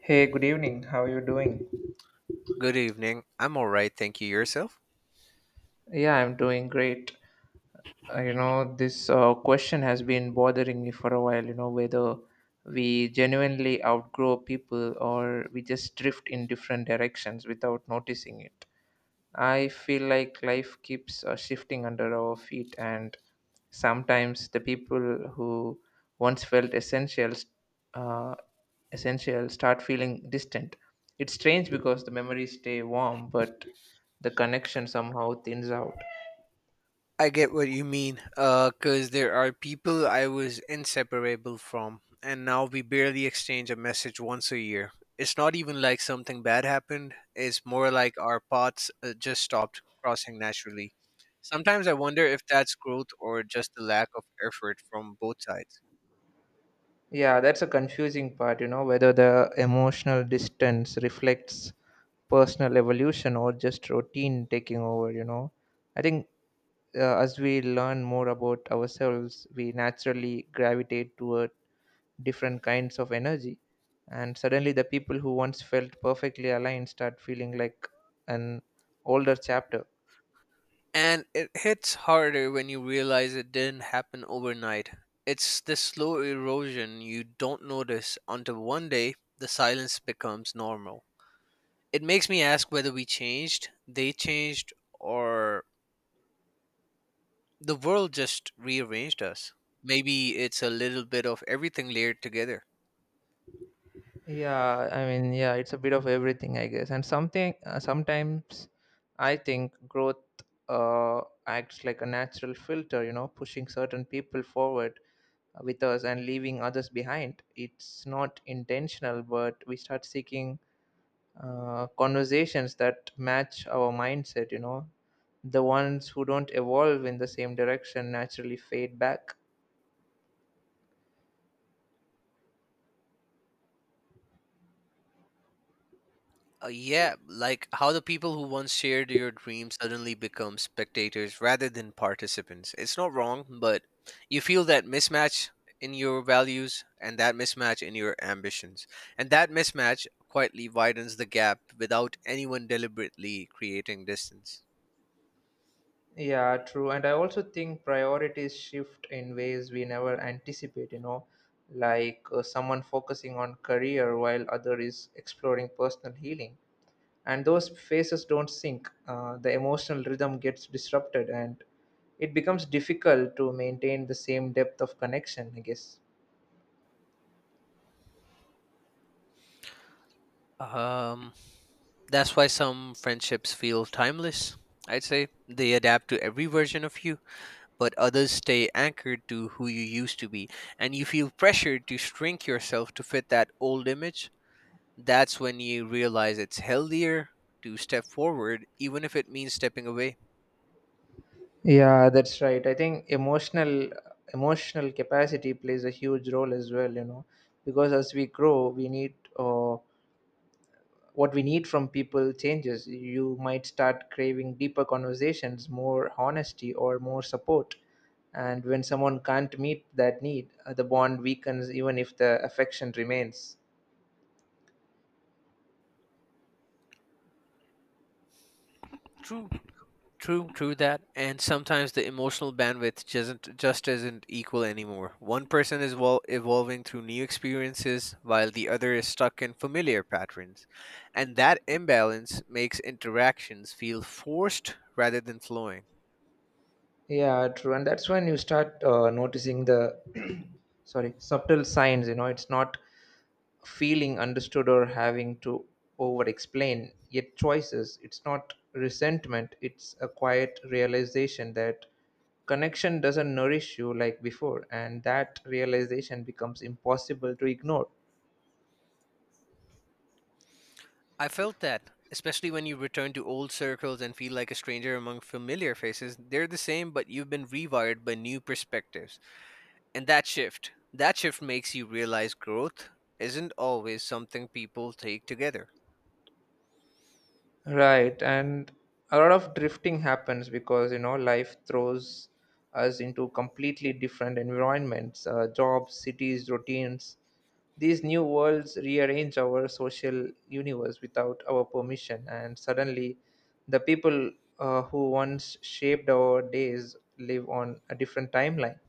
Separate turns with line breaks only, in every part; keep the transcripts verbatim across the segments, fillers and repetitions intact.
Hey, good evening. How are you doing?
Good evening. I'm all right, thank you. Yourself?
Yeah, I'm doing great. Uh, you know, this uh, question has been bothering me for a while, you know, whether we genuinely outgrow people or we just drift in different directions without noticing it. I feel like life keeps uh, shifting under our feet, and sometimes the people who once felt essential, uh, essential start feeling distant. It's strange because the memories stay warm, but the connection somehow thins out.
I get what you mean, uh, 'cause there are people I was inseparable from, and now we barely exchange a message once a year. It's not even like something bad happened. It's more like our paths uh, just stopped crossing naturally. Sometimes I wonder if that's growth or just the lack of effort from both sides.
Yeah, that's a confusing part, you know, whether the emotional distance reflects personal evolution or just routine taking over, you know. I think uh, as we learn more about ourselves, we naturally gravitate toward different kinds of energy. And suddenly, the people who once felt perfectly aligned start feeling like an older chapter.
And it hits harder when you realize it didn't happen overnight. It's the slow erosion you don't notice until one day the silence becomes normal. It makes me ask whether we changed, they changed, or the world just rearranged us. Maybe it's a little bit of everything layered together.
Yeah, I mean, yeah, it's a bit of everything, I guess. And something uh, sometimes I think growth uh, acts like a natural filter, you know, pushing certain people forward with us and leaving others behind. It's not intentional, but we start seeking uh, conversations that match our mindset, you know, the ones who don't evolve in the same direction naturally fade back.
Uh, yeah, like how the people who once shared your dreams suddenly become spectators rather than participants. It's not wrong, but you feel that mismatch in your values and that mismatch in your ambitions. And that mismatch quietly widens the gap without anyone deliberately creating distance.
Yeah, true. And I also think priorities shift in ways we never anticipate, you know, like uh, someone focusing on career while other is exploring personal healing, and those phases don't sync. Uh, the emotional rhythm gets disrupted, and it becomes difficult to maintain the same depth of connection, I guess.
Um, that's why some friendships feel timeless, I'd say. They adapt to every version of you, but others stay anchored to who you used to be, and you feel pressured to shrink yourself to fit that old image. That's when you realize it's healthier to step forward, even if it means stepping away.
Yeah, that's right. I think emotional emotional capacity plays a huge role as well, you know, because as we grow, we need uh, what we need from people changes. You might start craving deeper conversations, more honesty, or more support. And when someone can't meet that need, uh, the bond weakens even if the affection remains.
True, true, true that. And sometimes the emotional bandwidth doesn't just isn't equal anymore. One person is well evolving through new experiences, while the other is stuck in familiar patterns, and that imbalance makes interactions feel forced rather than flowing.
Yeah, true. And that's when you start uh, noticing the sorry, subtle signs, you know, it's not feeling understood or having to over explain yet choices. It's not resentment, it's a quiet realization that connection doesn't nourish you like before, and that realization becomes impossible to ignore.
I felt that, especially when you return to old circles and feel like a stranger among familiar faces. They're the same, but you've been rewired by new perspectives. And that shift, that shift makes you realize growth isn't always something people take together.
Right, and a lot of drifting happens because, you know, life throws us into completely different environments, uh, jobs, cities, routines. These new worlds rearrange our social universe without our permission, and suddenly, the people uh, who once shaped our days live on a different timeline.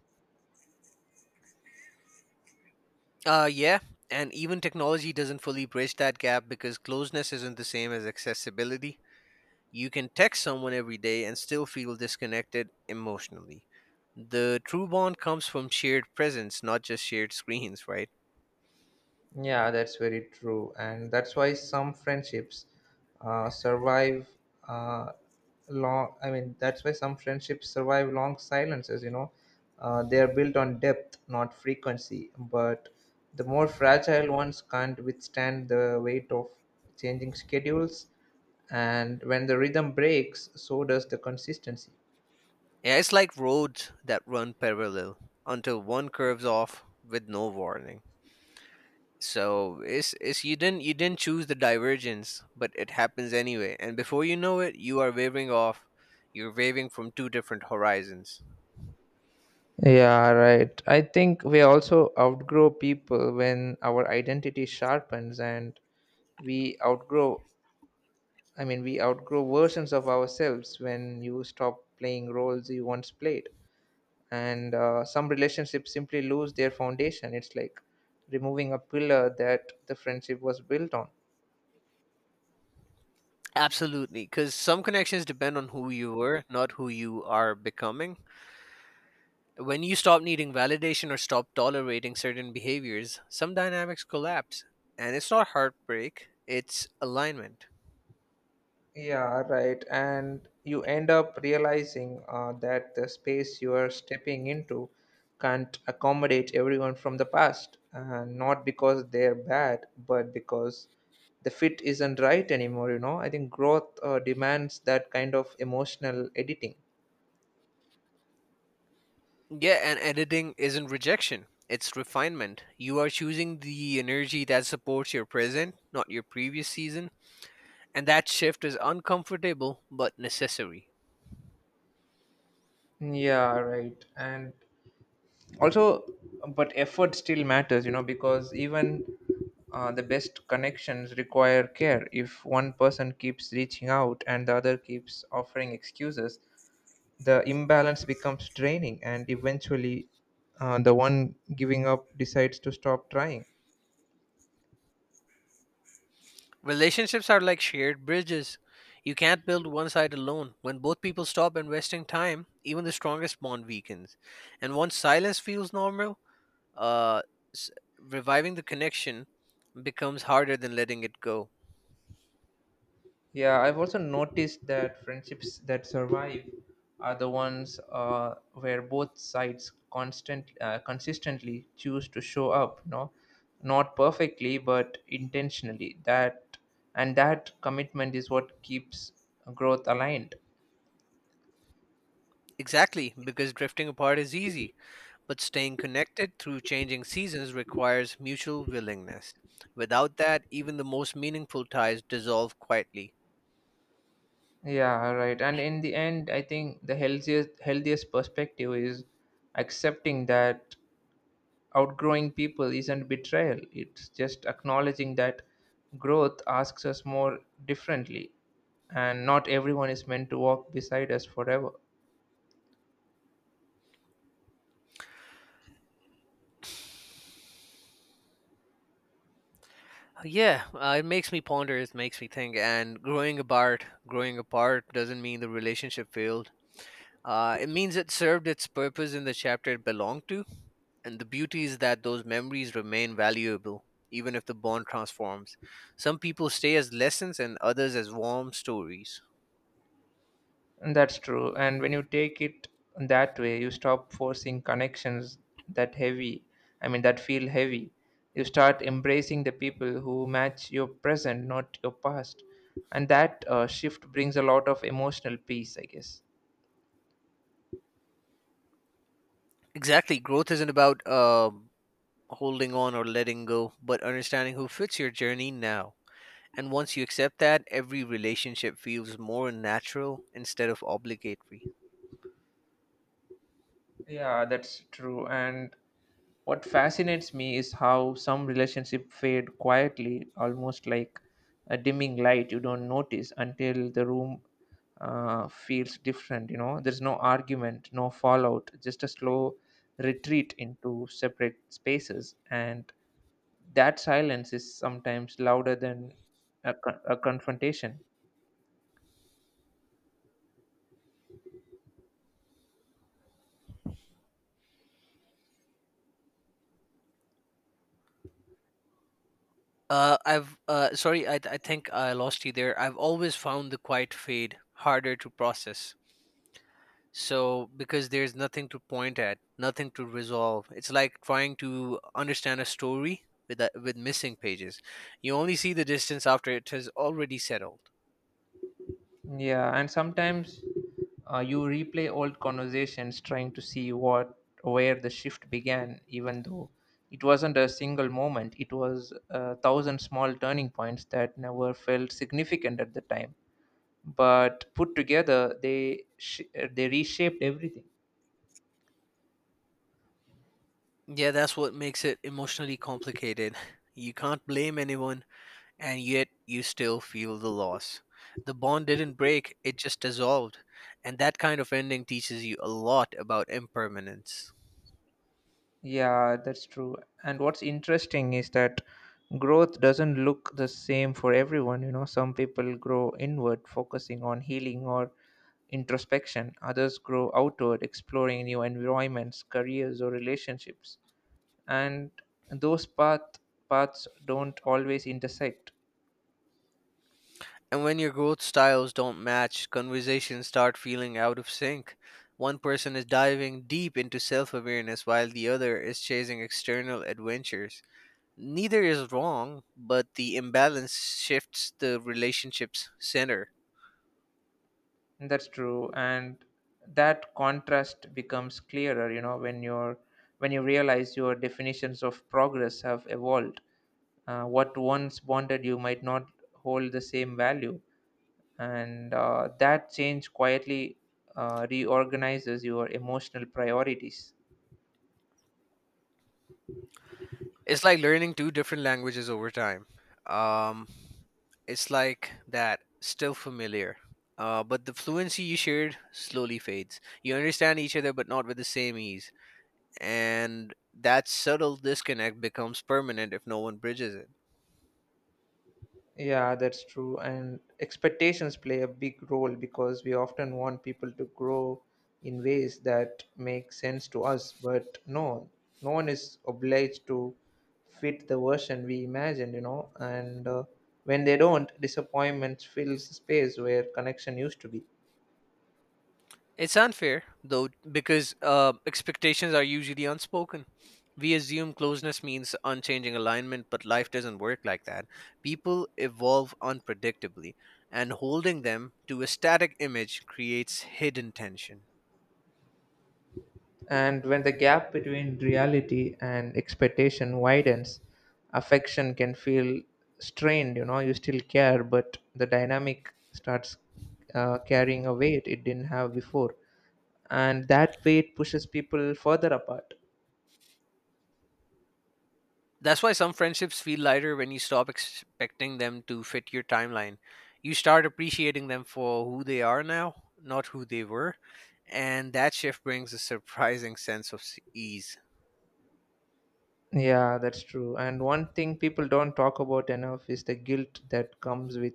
Uh, yeah, and even technology doesn't fully bridge that gap because closeness isn't the same as accessibility. You can text someone every day and still feel disconnected emotionally. The true bond comes from shared presence, not just shared screens, right?
Yeah, that's very true. And that's why some friendships uh, survive uh, long. I mean, that's why some friendships survive long silences, you know. Uh, they are built on depth, not frequency. But the more fragile ones can't withstand the weight of changing schedules. And when the rhythm breaks, so does the consistency.
Yeah, it's like roads that run parallel until one curves off with no warning. So it's it's you didn't you didn't choose the divergence, but it happens anyway. And before you know it, you are waving off. You're waving from two different horizons.
Yeah, right. I think we also outgrow people when our identity sharpens, and we outgrow i mean we outgrow versions of ourselves when you stop playing roles you once played, and uh, some relationships simply lose their foundation. It's like removing a pillar that the friendship was built on.
Absolutely, because some connections depend on who you were, not who you are becoming. When you stop needing validation or stop tolerating certain behaviors, some dynamics collapse. And it's not heartbreak, it's alignment.
Yeah, right. And you end up realizing uh, that the space you are stepping into can't accommodate everyone from the past, uh, not because they're bad, but because the fit isn't right anymore, you know. I think growth uh, demands that kind of emotional editing.
Yeah, and editing isn't rejection, it's refinement. You are choosing the energy that supports your present, not your previous season, and that shift is uncomfortable but necessary.
Yeah, right. And also, but effort still matters, you know, because even uh, the best connections require care. If one person keeps reaching out and the other keeps offering excuses, the imbalance becomes draining, and eventually uh, the one giving up decides to stop trying.
Relationships are like shared bridges. You can't build one side alone. When both people stop investing time, even the strongest bond weakens. And once silence feels normal, uh, s- reviving the connection becomes harder than letting it go.
Yeah, I've also noticed that friendships that survive are the ones uh, where both sides constant uh, consistently choose to show up. No, not perfectly, but intentionally. That and that commitment is what keeps growth aligned.
Exactly, because drifting apart is easy, but staying connected through changing seasons requires mutual willingness. Without that, even the most meaningful ties dissolve quietly.
Yeah, right. And in the end, I think the healthiest healthiest perspective is accepting that outgrowing people isn't betrayal, it's just acknowledging that growth asks us more differently, and not everyone is meant to walk beside us forever.
Yeah, uh, it makes me ponder, it makes me think, and growing apart, growing apart doesn't mean the relationship failed. Uh, it means it served its purpose in the chapter it belonged to, and the beauty is that those memories remain valuable, even if the bond transforms. Some people stay as lessons, and others as warm stories.
And that's true. And when you take it that way, you stop forcing connections that heavy i mean that feel heavy. You start embracing the people who match your present, not your past, and that uh, shift brings a lot of emotional peace, I guess.
Exactly, growth isn't about um holding on or letting go, but understanding who fits your journey now. And once you accept that, every relationship feels more natural instead of obligatory.
Yeah, that's true. And what fascinates me is how some relationships fade quietly, almost like a dimming light you don't notice until the room uh, feels different. You know, there's no argument, no fallout, just a slow retreat into separate spaces. And that silence is sometimes louder than a, con- a confrontation.
Uh, I've uh, sorry, I, I think I lost you there. I've always found the quiet fade harder to process, So because there's nothing to point at, nothing to resolve. It's like trying to understand a story with that, with missing pages. You only see the distance after it has already settled.
Yeah, and sometimes uh, you replay old conversations trying to see what where the shift began, even though it wasn't a single moment. It was a thousand small turning points that never felt significant at the time, but put together, they sh- uh, they reshaped everything.
Yeah, that's what makes it emotionally complicated. You can't blame anyone, and yet you still feel the loss. The bond didn't break, it just dissolved. And that kind of ending teaches you a lot about impermanence.
Yeah, that's true. And what's interesting is that growth doesn't look the same for everyone. You know, some people grow inward, focusing on healing or introspection, others grow outward, exploring new environments, careers, or relationships. And those path, paths don't always intersect.
And when your growth styles don't match, conversations start feeling out of sync. One person is diving deep into self awareness while the other is chasing external adventures. Neither is wrong, but the imbalance shifts the relationship's center.
That's true, and that contrast becomes clearer, you know, when you're when you realize your definitions of progress have evolved. Uh, what once bonded you might not hold the same value, and uh, that change quietly uh, reorganizes your emotional priorities.
It's like learning two different languages over time. Um, it's like that, still familiar. Uh, but the fluency you shared slowly fades. You understand each other, but not with the same ease. And that subtle disconnect becomes permanent if no one bridges it.
Yeah, that's true. And expectations play a big role because we often want people to grow in ways that make sense to us, but no, no one is obliged to fit the version we imagined, you know. And uh, when they don't, disappointment fills the space where connection used to be.
It's unfair, though, because uh, expectations are usually unspoken. We assume closeness means unchanging alignment, but life doesn't work like that. People evolve unpredictably, and holding them to a static image creates hidden tension.
And when the gap between reality and expectation widens, affection can feel strained. You know, you still care, but the dynamic starts uh, carrying a weight it didn't have before. And that weight pushes people further apart.
That's why some friendships feel lighter when you stop expecting them to fit your timeline. You start appreciating them for who they are now, not who they were, and that shift brings a surprising sense of s- ease.
Yeah, that's true. And one thing people don't talk about enough is the guilt that comes with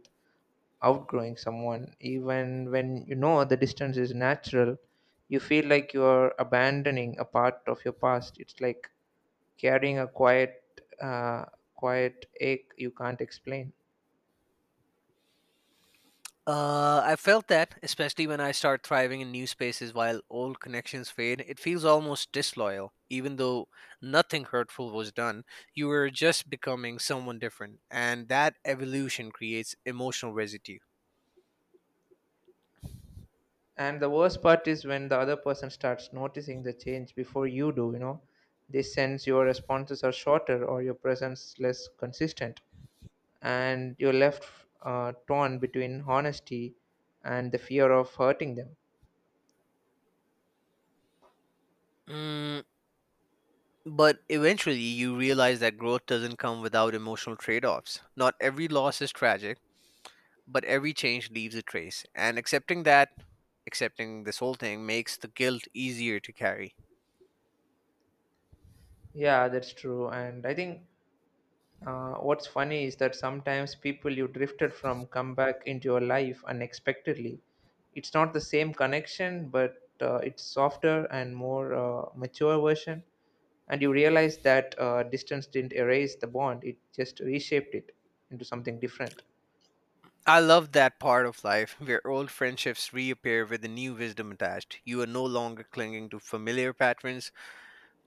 outgrowing someone. Even when you know the distance is natural, you feel like you're abandoning a part of your past. It's like carrying a quiet uh, quiet ache you can't explain.
Uh, I felt that, especially when I start thriving in new spaces while old connections fade, it feels almost disloyal. Even though nothing hurtful was done, you were just becoming someone different, and that evolution creates emotional residue.
And the worst part is when the other person starts noticing the change before you do, you know, they sense your responses are shorter or your presence less consistent, and you're left uh, torn between honesty and the fear of hurting them.
Mm, but eventually, you realize that growth doesn't come without emotional trade offs. Not every loss is tragic, but every change leaves a trace, and accepting that, accepting this whole thing, makes the guilt easier to carry.
Yeah, that's true. And I think Uh, what's funny is that sometimes people you drifted from come back into your life unexpectedly. It's not the same connection, but uh, it's softer and more uh, mature version. And you realize that uh, distance didn't erase the bond; it just reshaped it into something different.
I love that part of life where old friendships reappear with a new wisdom attached. You are no longer clinging to familiar patterns,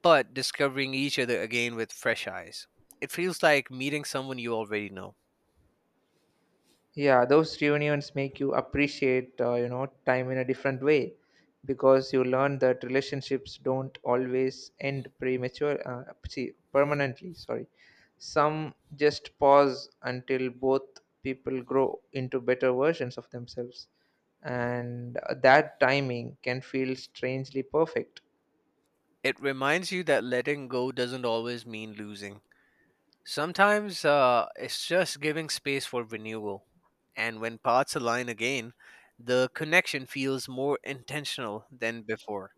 but discovering each other again with fresh eyes. It feels like meeting someone you already know.
Yeah, those reunions make you appreciate, uh, you know, time in a different way because you learn that relationships don't always end premature, uh, see, permanently, sorry. Some just pause until both people grow into better versions of themselves. And uh, that timing can feel strangely perfect.
It reminds you that letting go doesn't always mean losing. Sometimes uh, it's just giving space for renewal. And when paths align again, the connection feels more intentional than before.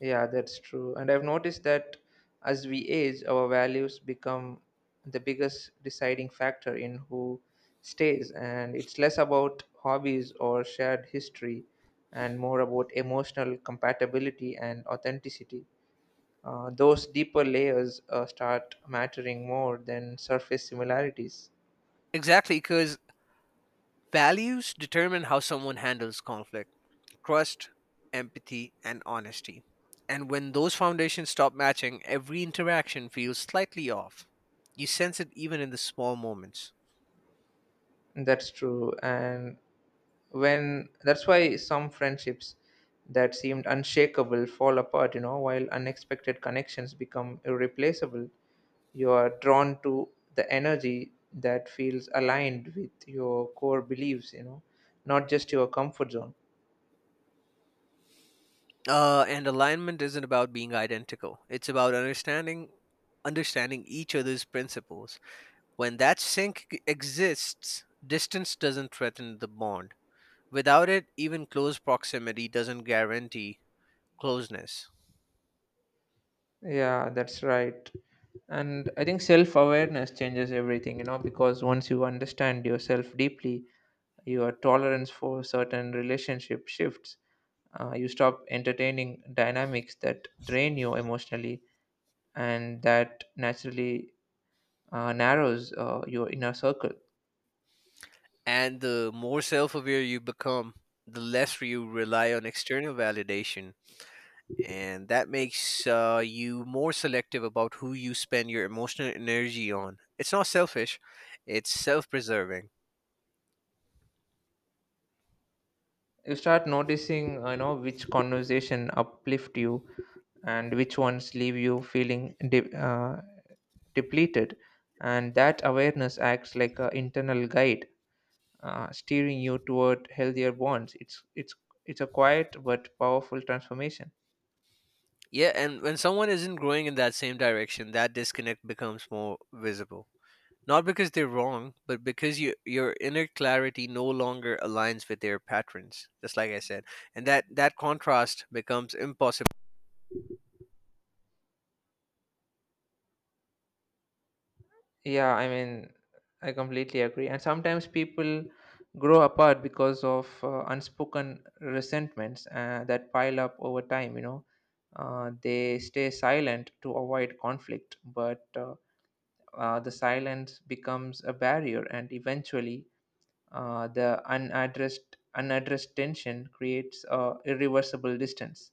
Yeah, that's true. And I've noticed that as we age, our values become the biggest deciding factor in who stays. And it's less about hobbies or shared history and more about emotional compatibility and authenticity. Uh, those deeper layers uh, start mattering more than surface similarities.
Exactly, because values determine how someone handles conflict, trust, empathy, and honesty. And when those foundations stop matching, every interaction feels slightly off. You sense it even in the small moments.
That's true. And when that's why some friendships that seemed unshakable fall apart, you know, while unexpected connections become irreplaceable. You are drawn to the energy that feels aligned with your core beliefs, you know, not just your comfort zone.
Uh, and alignment isn't about being identical. It's about understanding understanding each other's principles. When that sync g- exists, distance doesn't threaten the bond. Without it, even close proximity doesn't guarantee closeness.
Yeah, that's right. And I think self awareness changes everything, you know, because once you understand yourself deeply, your tolerance for certain relationship shifts. Uh, you stop entertaining dynamics that drain you emotionally, and that naturally uh, narrows uh, your inner circle.
And the more self aware you become, the less you rely on external validation. And that makes uh, you more selective about who you spend your emotional energy on. It's not selfish, it's self preserving.
You start noticing, uh, you know, which conversation uplift you and which ones leave you feeling de- uh, depleted, and that awareness acts like an internal guide, uh, steering you toward healthier bonds. It's it's it's a quiet but powerful transformation.
Yeah, and when someone isn't growing in that same direction, that disconnect becomes more visible. Not because they're wrong, but because your your inner clarity no longer aligns with their patterns, just like I said. And that, that contrast becomes impossible.
Yeah, I mean, I completely agree. And sometimes people grow apart because of uh, unspoken resentments uh, that pile up over time, you know. Uh, they stay silent to avoid conflict, but uh, uh, the silence becomes a barrier, and eventually, uh, the unaddressed unaddressed tension creates a irreversible distance.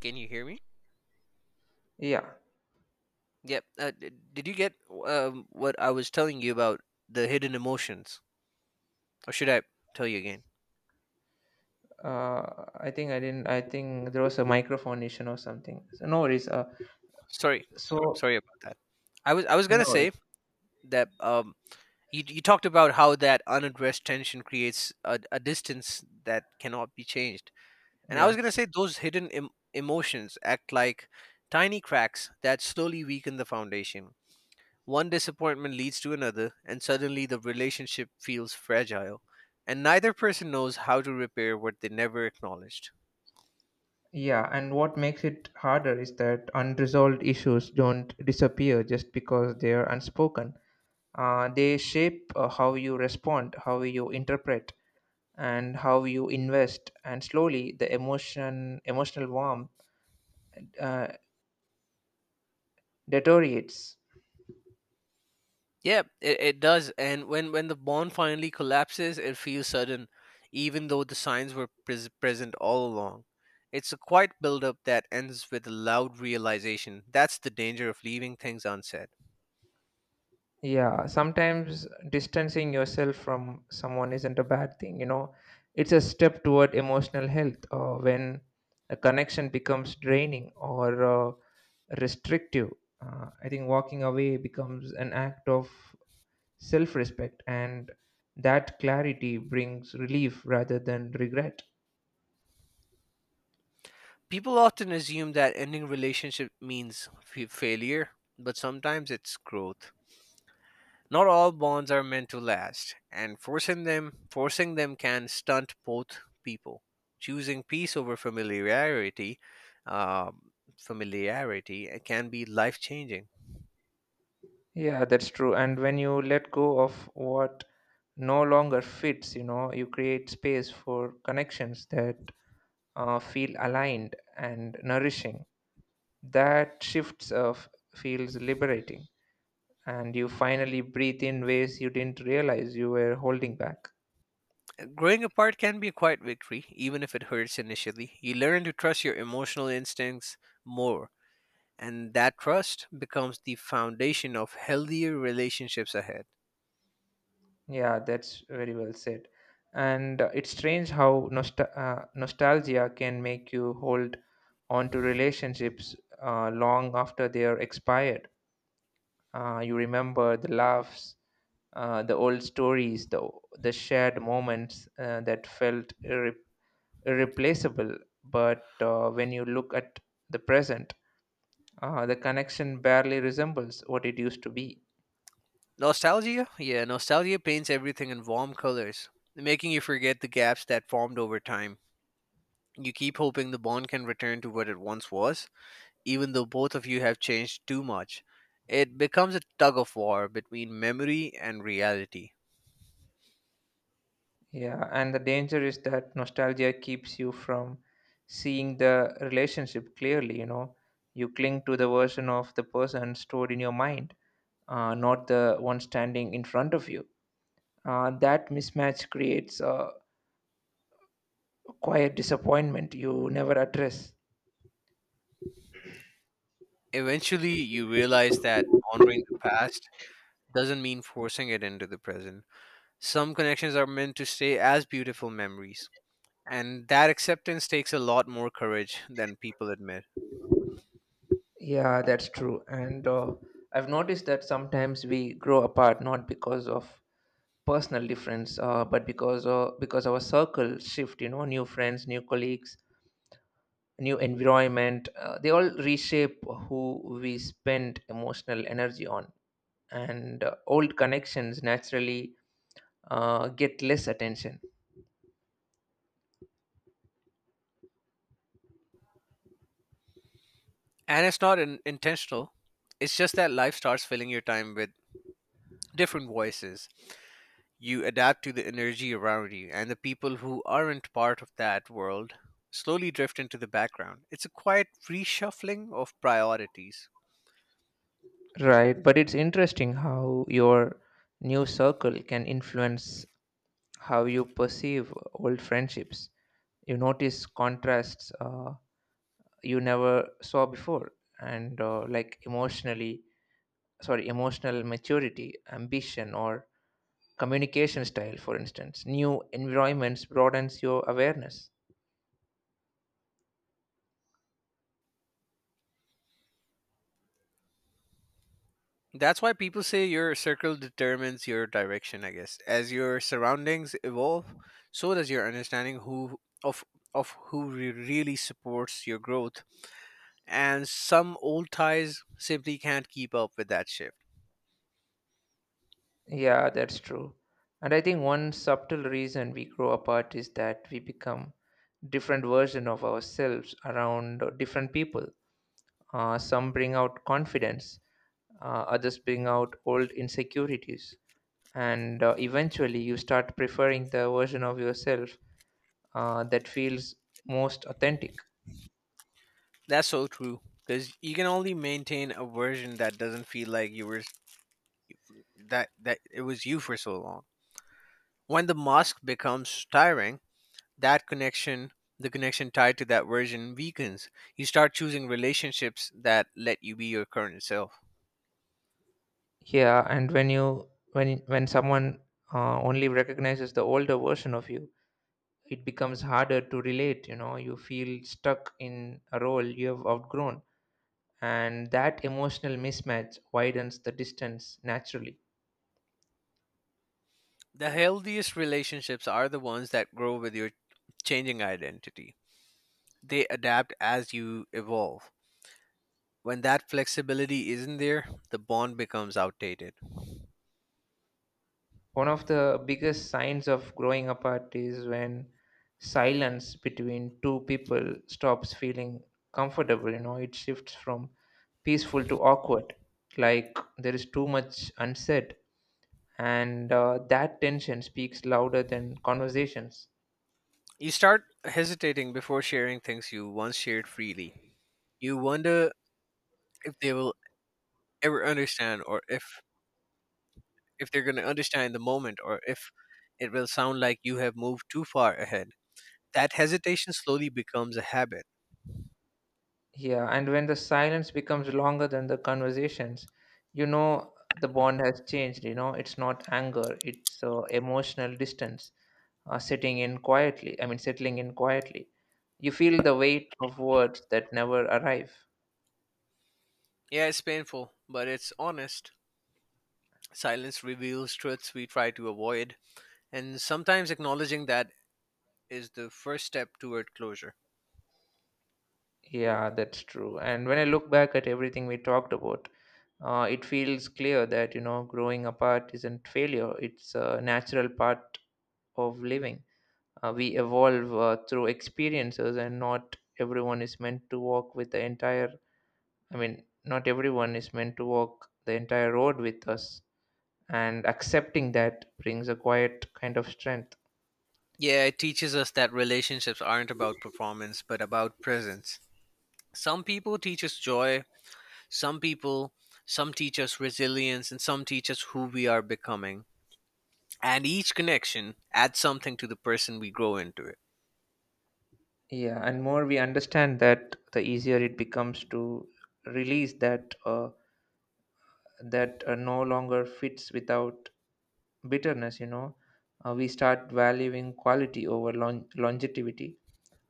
Can you hear me?
Yeah,
Yep. Uh, d- did you get um, what I was telling you about the hidden emotions, or should I tell you again?
uh, I think I didn't. I think there was a microphone issue or something. So no worries. Uh,
Sorry,
so
sorry about that. I was I was
no
gonna
worries.
say that um, you you talked about how that unaddressed tension creates a, a distance that cannot be changed, and I was
Yeah,
gonna say those hidden em- emotions act like tiny cracks that slowly weaken the foundation. One disappointment leads to another, and suddenly the relationship feels fragile, and neither person knows how to repair what they never acknowledged.
yeah, and what makes it harder is that unresolved issues don't disappear just because they are unspoken. Uh, they shape uh, how you respond, how you interpret, and how you invest. And slowly, the emotion, emotional warmth uh, deteriorates.
Yeah, it, it does. And when, when the bond finally collapses, it feels sudden, even though the signs were pres- present all along. It's a quiet buildup that ends with a loud realization. That's the danger of leaving things unsaid.
Yeah, sometimes distancing yourself from someone isn't a bad thing, you know. It's a step toward emotional health uh, when a connection becomes draining or uh, restrictive. Uh, I think walking away becomes an act of self respect, and that clarity brings relief rather than regret.
People often assume that ending relationship means f- failure, but sometimes it's growth. Not all bonds are meant to last, and forcing them forcing them can stunt both people. Choosing peace over familiarity, um, familiarity uh, can be life changing.
Yeah, that's true. And when you let go of what no longer fits, you know, you create space for connections that uh, feel aligned and nourishing. That shifts of feels liberating, and you finally breathe in ways you didn't realize you were holding back.
Growing apart can be a quiet victory, even if it hurts initially. You learn to trust your emotional instincts more, and that trust becomes the foundation of healthier relationships ahead.
Yeah, that's very well said. And uh, it's strange how nostal uh, nostalgia can make you hold on to relationships uh, long after they are expired. Uh, you remember the laughs, uh, the old stories, the the shared moments uh, that felt irreplaceable replaceable. But uh, when you look at the present, uh, the connection barely resembles what it used to be.
Nostalgia? Yeah, nostalgia paints everything in warm colors, making you forget the gaps that formed over time. You keep hoping the bond can return to what it once was, even though both of you have changed too much. It becomes a tug of war between memory and reality.
Yeah, and the danger is that nostalgia keeps you from seeing the relationship clearly. You know, you cling to the version of the person stored in your mind, uh, not the one standing in front of you. Uh, that mismatch creates a quiet disappointment you never address.
Eventually, you realize that honoring the past doesn't mean forcing it into the present. Some connections are meant to stay as beautiful memories, and that acceptance takes a lot more courage than people admit.
Yeah, that's true. And uh, I've noticed that sometimes we grow apart not because of personal difference, uh, but because uh, because our circle shift. You know, new friends, new colleagues, new environment. Uh, they all reshape who we spend emotional energy on, and uh, old connections naturally uh, get less attention.
And it's not in- intentional, it's just that life starts filling your time with different voices. You adapt to the energy around you, and the people who aren't part of that world slowly drift into the background. It's a quiet reshuffling of priorities.
Right, but it's interesting how your new circle can influence how you perceive old friendships. You notice contrasts uh, you never saw before and uh, like emotionally sorry emotional maturity, ambition, or communication style, for instance. New environments broadens your awareness.
That's why people say your circle determines your direction, I guess. As your surroundings evolve, so does your understanding who of of who re- really supports your growth, and some old ties simply can't keep up with that shift.
Yeah, that's true. And I think one subtle reason we grow apart is that we become different version of ourselves around uh, different people. Uh, some bring out confidence, uh, others bring out old insecurities, and uh, eventually you start preferring the version of yourself uh, that feels most authentic.
That's so true because you can only maintain a version that doesn't feel like you were that that it was you for so long. When the mask becomes tiring, that connection, the connection tied to that version weakens. You start choosing relationships that let you be your current self.
Yeah, and when you when when someone uh, only recognizes the older version of you, it becomes harder to relate. You know, you feel stuck in a role you have outgrown, and that emotional mismatch widens the distance naturally.
The healthiest relationships are the ones that grow with your changing identity. They adapt as you evolve. When that flexibility isn't there, the bond becomes outdated.
One of the biggest signs of growing apart is when silence between two people stops feeling comfortable. You know, it shifts from peaceful to awkward, like there is too much unsaid, and uh, that tension speaks louder than conversations.
You start hesitating before sharing things you once shared freely. You wonder if they will ever understand, or if if they're going to understand in the moment, or if it will sound like you have moved too far ahead. That hesitation slowly becomes a habit.
Yeah, and when the silence becomes longer than the conversations, you know the bond has changed. You know, it's not anger, it's uh, emotional distance uh, sitting in quietly, I mean, settling in quietly. You feel the weight of words that never arrive.
Yeah, it's painful but it's honest. Silence reveals truths we try to avoid, and sometimes acknowledging that is the first step toward closure.
Yeah, that's true. And when I look back at everything we talked about, uh, it feels clear that, you know, growing apart isn't failure, it's a natural part of living. Uh, we evolve uh, through experiences, and not everyone is meant to walk with the entire, I mean, not everyone is meant to walk the entire road with us. And accepting that brings a quiet kind of strength.
Yeah, it teaches us that relationships aren't about performance but about presence. Some people teach us joy, some people some teach us resilience, and some teach us who we are becoming. And each connection adds something to the person we grow into it.
Yeah, and more we understand that, the easier it becomes to release that uh, that uh, no longer fits without bitterness. You know, uh, we start valuing quality over long- longevity,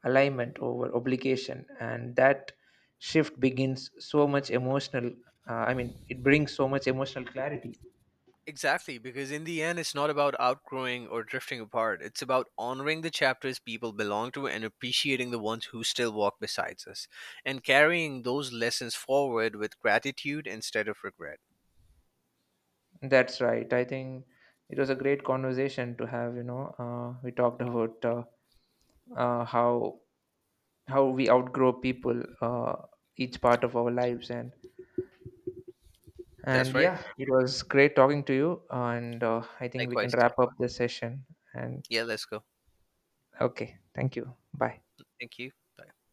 alignment over obligation, and that shift begins so much emotional. Uh, I mean, it brings so much emotional clarity.
Exactly, because in the end, it's not about outgrowing or drifting apart. It's about honoring the chapters people belong to and appreciating the ones who still walk beside us and carrying those lessons forward with gratitude instead of regret.
That's right. I think it was a great conversation to have. You know, uh, we talked about uh, uh, how how we outgrow people uh, each part of our lives, and and
That's right.
yeah, it was great talking to you, and uh, I think we can
Likewise.
wrap up this session. And
Yeah, let's go.
okay, thank you. Bye.
Thank you. Bye.